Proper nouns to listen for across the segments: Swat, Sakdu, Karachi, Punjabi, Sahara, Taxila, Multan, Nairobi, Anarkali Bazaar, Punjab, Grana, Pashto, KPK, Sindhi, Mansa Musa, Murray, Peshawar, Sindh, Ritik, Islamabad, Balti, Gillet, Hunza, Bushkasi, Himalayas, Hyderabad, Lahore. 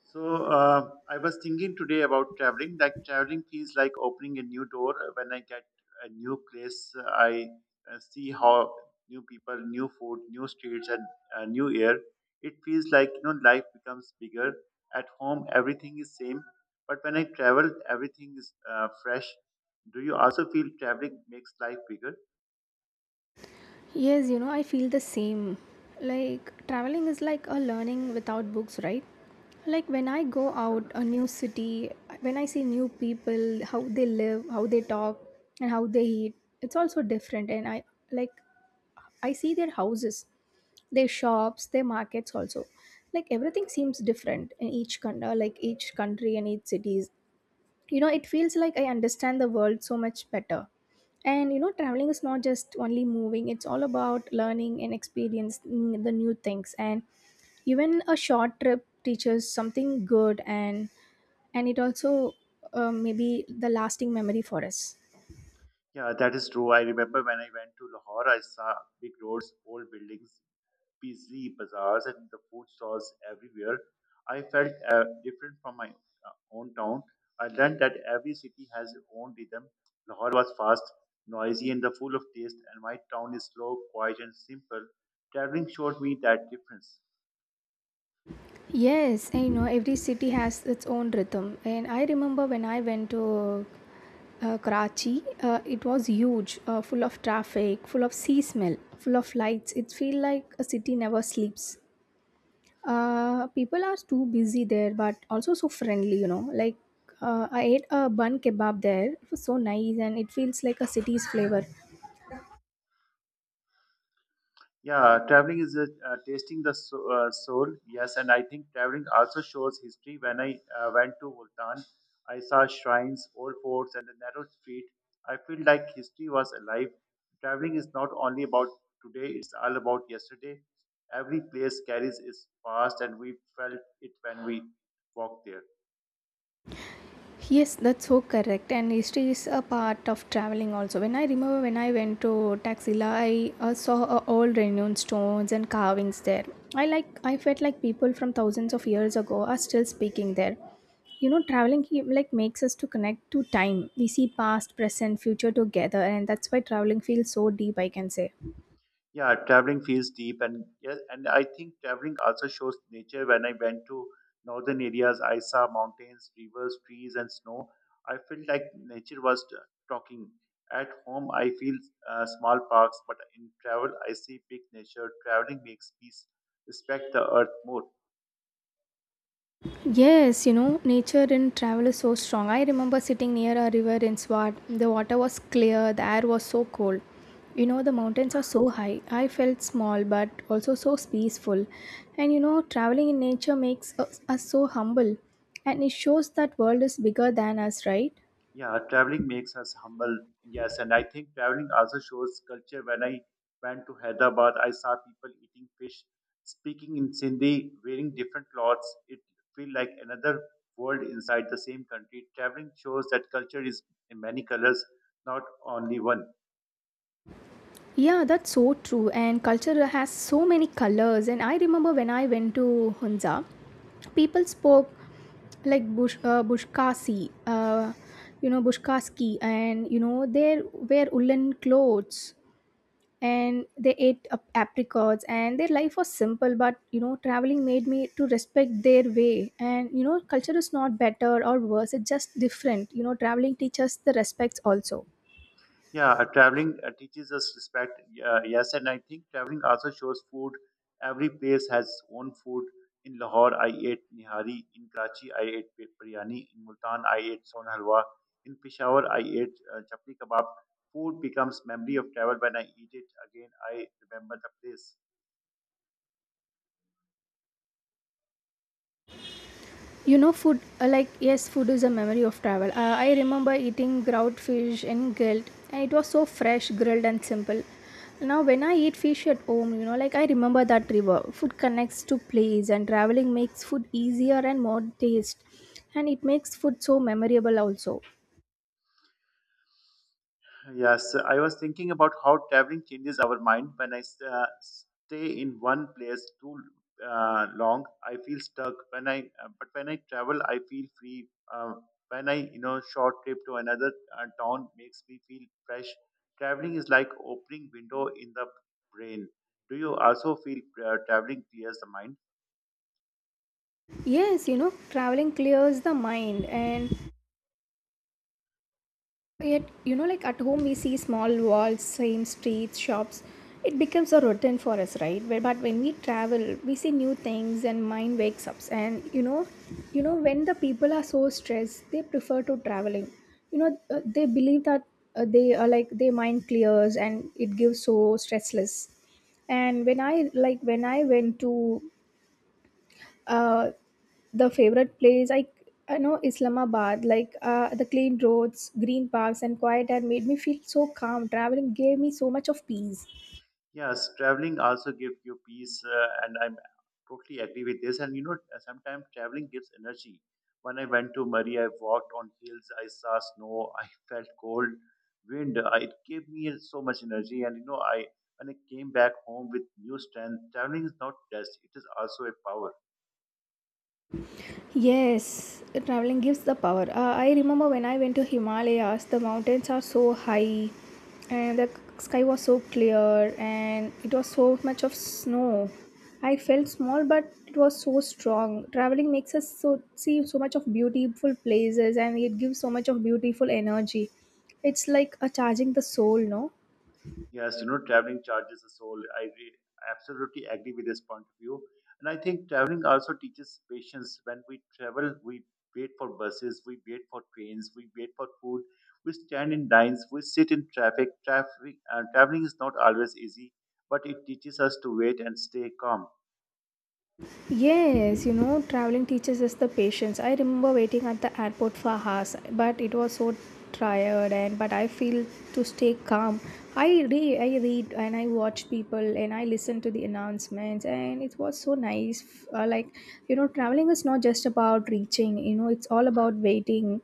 So I was thinking today about traveling. Like traveling feels like opening a new door. When I get a new place, I see how new people, new food, new streets, and new air. It feels like life becomes bigger. At home, everything is same, but when I travel, everything is fresh. Do you also feel traveling makes life bigger? Yes, you know, I feel the same. Like, traveling is like a learning without books, right? Like, when I go out a new city, when I see new people, how they live, how they talk, and how they eat, it's also different. And I like, I see their houses, their shops, their markets also. Like, everything seems different in each country, like each country and each cities, you know, it feels like I understand the world so much better. And you know, traveling is not just only moving, it's all about learning and experiencing the new things. And even a short trip teaches something good. And it also, maybe the lasting memory for us. Yeah, that is true. I remember when I went to Lahore, I saw big roads, old buildings, busy bazaars and the food stalls everywhere. I felt different from my own town. I learned that every city has its own rhythm. Lahore was fast, noisy, and the full of taste, and my town is slow, quiet, and simple. Traveling showed me that difference. Yes, I know every city has its own rhythm. And I remember when I went to Karachi. It was huge, full of traffic, full of sea smell, full of lights. It feels like a city never sleeps. People are too busy there, but also so friendly, you know. Like I ate a bun kebab there. It was so nice, and it feels like a city's flavor. Yeah, traveling is tasting the soul. Yes, and I think traveling also shows history. When I went to Multan, I saw shrines, old forts, and the narrow street. I feel like history was alive. Traveling is not only about today; it's all about yesterday. Every place carries its past, and we felt it when we walked there. Yes, that's so correct. And history is a part of traveling also. When I remember when I went to Taxila, I saw old renowned stones and carvings there. I like I felt like people from thousands of years ago are still speaking there. You know, traveling like makes us to connect to time. We see past, present, future together, and that's why traveling feels so deep, I can say. Yeah, traveling feels deep, and yeah, and I think traveling also shows nature. When I went to northern areas, I saw mountains, rivers, trees, and snow. I felt like nature was talking. At home, I feel small parks, but in travel, I see big nature. Traveling makes peace, respect the earth more. Yes, you know, nature in travel is so strong. I remember sitting near a river in Swat. The water was clear, the air was so cold. You know, the mountains are so high. I felt small but also so peaceful. And you know, traveling in nature makes us so humble, and it shows that world is bigger than us, right? Yeah, traveling makes us humble. Yes, and I think traveling also shows culture. When I went to Hyderabad, I saw people eating fish, speaking in Sindhi, wearing different clothes. It feel like another world inside the same country. Traveling shows that culture is in many colors, not only one. Yeah, that's so true. And culture has so many colors. And I remember when I went to Hunza, people spoke like Bush, Bushkasi, Bushkaski, and you know, they wear woolen clothes and they ate apricots, and their life was simple. But you know, traveling made me to respect their way. And you know, culture is not better or worse; it's just different. You know, traveling teaches the respects also. Yeah, traveling teaches us respect. Yes, and I think traveling also shows food. Every place has its own food. In Lahore, I ate nihari. In Karachi, I ate biryani. In Multan, I ate son halwa. In Peshawar, I ate chapli kebab. Food becomes memory of travel. When I eat it again, I remember the place. You know, yes, food is a memory of travel. I remember eating grout fish and grilled, and it was so fresh, grilled, and simple. Now, when I eat fish at home, you know, like, I remember that river. Food connects to place, and traveling makes food easier and more taste. And it makes food so memorable also. Yes, I was thinking about how traveling changes our mind. When I stay in one place too long, I feel stuck. When I but when I travel, I feel free. When I short trip to another town makes me feel fresh. Traveling is like opening window in the brain. Do you also feel traveling clears the mind? Yes, you know, traveling clears the mind. And yet, you know, like at home, we see small walls, same streets, shops. It becomes a routine for us, right? But when we travel, we see new things, and mind wakes up. And you know, when the people are so stressed, they prefer to traveling. You know, they believe that they are like their mind clears and it gives so stressless. And when I went to uh, the favorite place, I know Islamabad. Like the clean roads, green parks, and quiet air made me feel so calm. Traveling gave me so much of peace. Yes, traveling also gives you peace, and I'm totally agree with this. And you know, sometimes traveling gives energy. When I went to Murray, I walked on hills, I saw snow, I felt cold wind. I, it gave me so much energy, and you know, I when I came back home with new strength. Traveling is not just; it is also a power. Yes, traveling gives the power. I remember when I went to Himalayas, the mountains are so high and the sky was so clear and it was so much of snow. I felt small but it was so strong. Traveling makes us so see so much of beautiful places and it gives so much of beautiful energy. It's like a charging the soul, no? Yes, you know, traveling charges the soul. Absolutely agree with this point of view. And I think traveling also teaches patience. When we travel, we wait for buses, we wait for trains, we wait for food, we stand in lines, we sit in traffic. Traveling is not always easy, but it teaches us to wait and stay calm. Yes, you know, traveling teaches us the patience. I remember waiting at the airport for hours, but it was so tired and but I feel to stay calm. I read and I watch people and I listen to the announcements, and it was so nice. You know, traveling is not just about reaching, you know, it's all about waiting,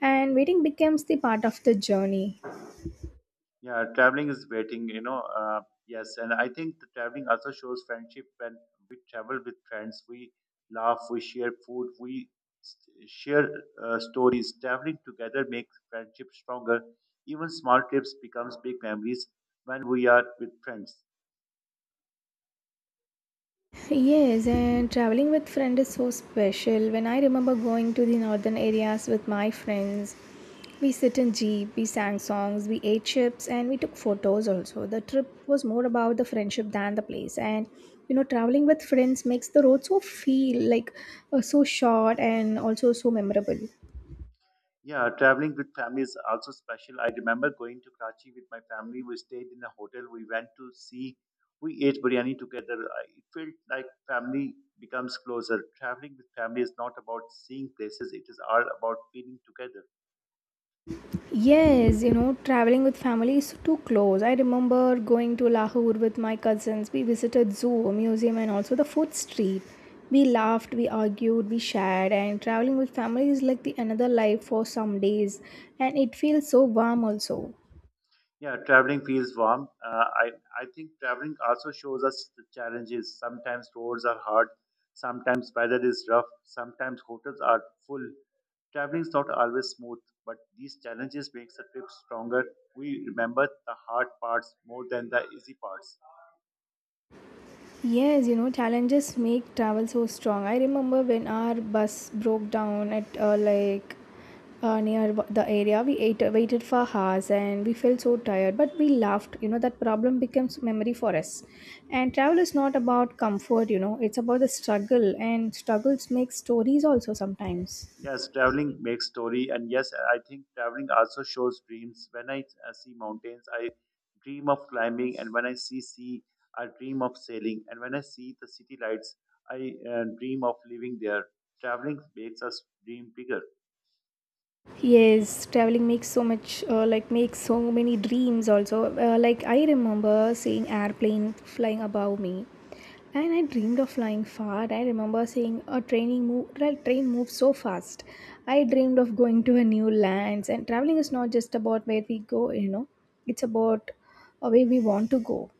and waiting becomes the part of the journey. Yeah, traveling is waiting, you know. Yes, and I think the traveling also shows friendship when we travel with friends. We laugh, we share food, s- share stories. Traveling together makes friendship stronger. Even small trips becomes big memories when we are with friends. Yes, and traveling with friend is so special. When I remember going to the northern areas with my friends, we sit in jeep, we sang songs, we ate chips, and we took photos also. The trip was more about the friendship than the place. And you know, traveling with friends makes the road so feel like so short and also so memorable. Yeah, traveling with family is also special. I remember going to Karachi with my family. We stayed in a hotel. We went to see, we ate biryani together. It felt like family becomes closer. Traveling with family is not about seeing places. It is all about feeling together. Yes, you know, traveling with family is too close. I remember going to Lahore with my cousins. We visited zoo, a museum, and also the food street. We laughed, we argued, we shared, and traveling with family is like the another life for some days, and it feels so warm also. Yeah, traveling feels warm. I think traveling also shows us the challenges. Sometimes roads are hard. Sometimes weather is rough. Sometimes hotels are full. Traveling is not always smooth, but these challenges makes the trip stronger. We remember the hard parts more than the easy parts. Yes, you know, challenges make travel so strong. I remember when our bus broke down at near the area, we ate, waited for hours and we felt so tired, but we laughed. You know, that problem becomes memory for us. And travel is not about comfort, you know, it's about the struggle, and struggles make stories also sometimes. Yes, traveling makes story, and yes, I think traveling also shows dreams. When I see mountains, I dream of climbing, and when I see sea, I dream of sailing, and when I see the city lights, I dream of living there. Traveling makes us dream bigger. Yes, traveling makes so much, makes so many dreams also. Like I remember seeing airplane flying above me, and I dreamed of flying far. I remember seeing a training move, like train move so fast. I dreamed of going to a new lands, and traveling is not just about where we go, you know, it's about where we want to go.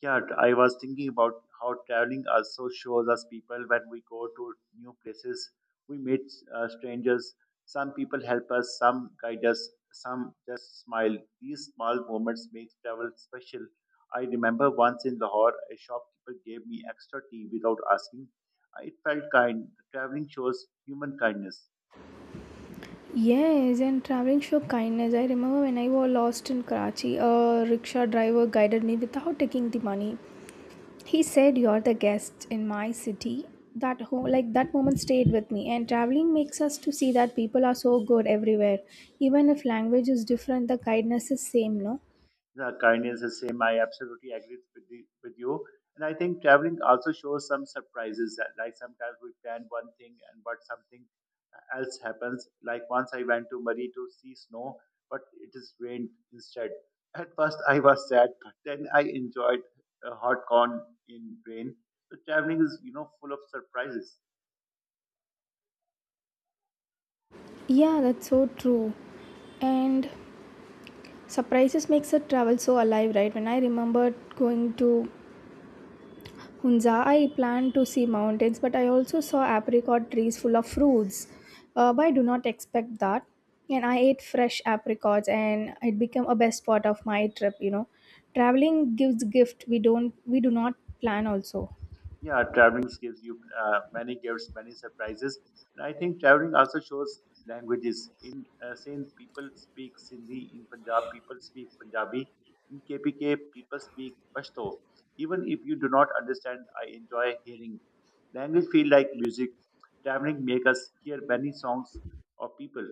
Yeah, I was thinking about how traveling also shows us people when we go to new places. We meet strangers. Some people help us, some guide us, some just smile. These small moments make travel special. I remember once in Lahore, a shopkeeper gave me extra tea without asking. It felt kind. Traveling shows human kindness. Yes, and traveling show kindness. I remember when I was lost in Karachi, a rickshaw driver guided me without taking the money. He said, you're the guest in my city. That whole like that moment stayed with me, and traveling makes us to see that people are so good everywhere. Even if language is different, the kindness is same, no? Yeah, kindness is same. I absolutely agree with, the, with you. And I think traveling also shows some surprises. That, like sometimes we plan one thing and but something else happens. Like once I went to Murray to see snow, but it is rained instead. At first I was sad, but then I enjoyed a hot corn in rain. So traveling is full of surprises. Yeah, that's so true. And surprises makes a travel so alive, right? When I remembered going to Hunza, I planned to see mountains, but I also saw apricot trees full of fruits. But I do not expect that. And I ate fresh apricots, and it became a best part of my trip. You know, traveling gives gift We don't. we do not plan also. Yeah, traveling gives you many gifts many surprises, and I think traveling also shows languages in sindh, people speak sindhi, in punjab people speak punjabi, in KPK people speak pashto. Even if you do not understand, I enjoy hearing language feel like music. Traveling make us hear many songs of people.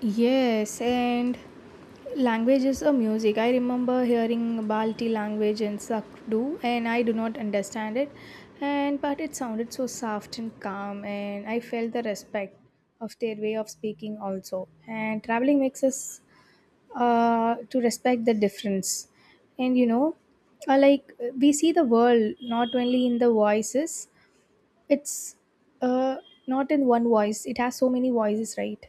Yes, and languages or music. I remember hearing Balti language in Sakdu, and I do not understand it, and but it sounded so soft and calm, and I felt the respect of their way of speaking also. And traveling makes us to respect the difference, and you know, uh, like we see the world not only in the voices. It's uh, not in one voice. It has so many voices, right?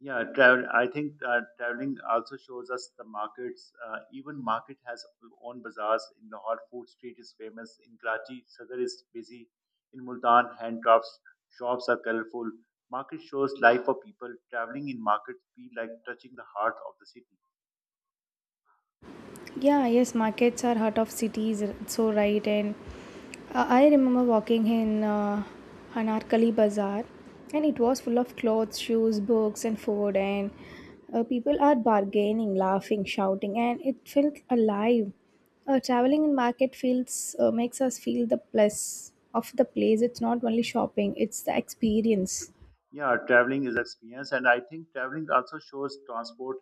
Yeah, travel. I think traveling also shows us the markets. Even market has own bazaars. In Lahore, food street is famous. In Karachi, Sadr is busy. In Multan, hand drops shops are colorful. Market shows life of people. Traveling in markets feel like touching the heart of the city. Yeah, yes, markets are heart of cities, so right. And I remember walking in Anarkali Bazaar, and it was full of clothes, shoes, books, and food. And people are bargaining, laughing, shouting, and it felt alive. Traveling in market feels makes us feel the plus of the place. It's not only shopping; it's the experience. Yeah, traveling is experience, and I think traveling also shows transport.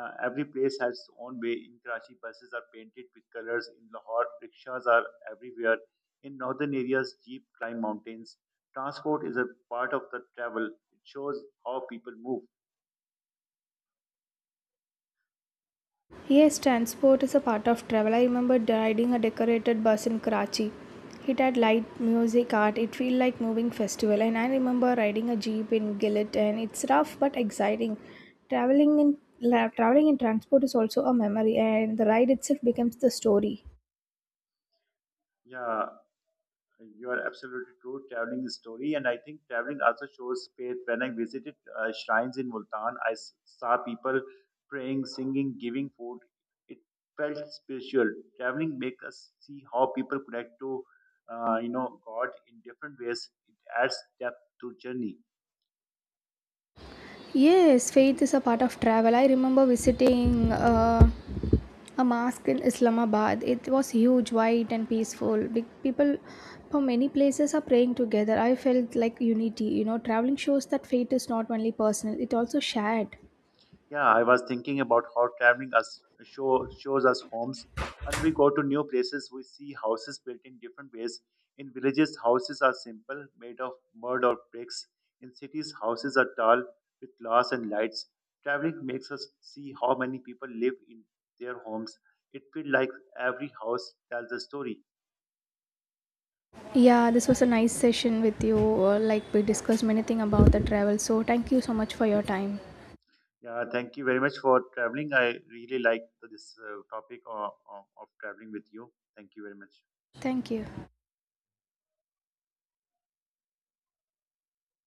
Every place has its own way. In Karachi, buses are painted with colors. In Lahore, rickshaws are everywhere. In northern areas, jeep climb mountains. Transport is a part of the travel. It shows how people move. Yes, transport is a part of travel. I remember riding a decorated bus in Karachi. It had light, music, art. It felt like moving festival. And I remember riding a jeep in Gillet, and it's rough but exciting. Traveling in transport is also a memory, and the ride itself becomes the story. Yeah, you are absolutely true. Traveling is story, and I think traveling also shows faith. When I visited shrines in Multan, saw people praying, singing, giving food. It felt spiritual. Traveling makes us see how people connect to God in different ways. It adds depth to journey. Yes, faith is a part of travel. I remember visiting. A mosque in Islamabad. It was huge, white, and peaceful. Big people from many places are praying together. I felt like unity. You know, traveling shows that faith is not only personal; it also shared. Yeah, I was thinking about how shows us homes. When we go to new places, we see houses built in different ways. In villages, houses are simple, made of mud or bricks. In cities, houses are tall, with glass and lights. Traveling makes us see how many people live in their homes. It feels like every house tells a story. Yeah, this was a nice session with you. Like we discussed many things about the travel. So thank you so much for your time. Yeah, thank you very much for traveling. I really like this topic of traveling with you. Thank you very much. Thank you.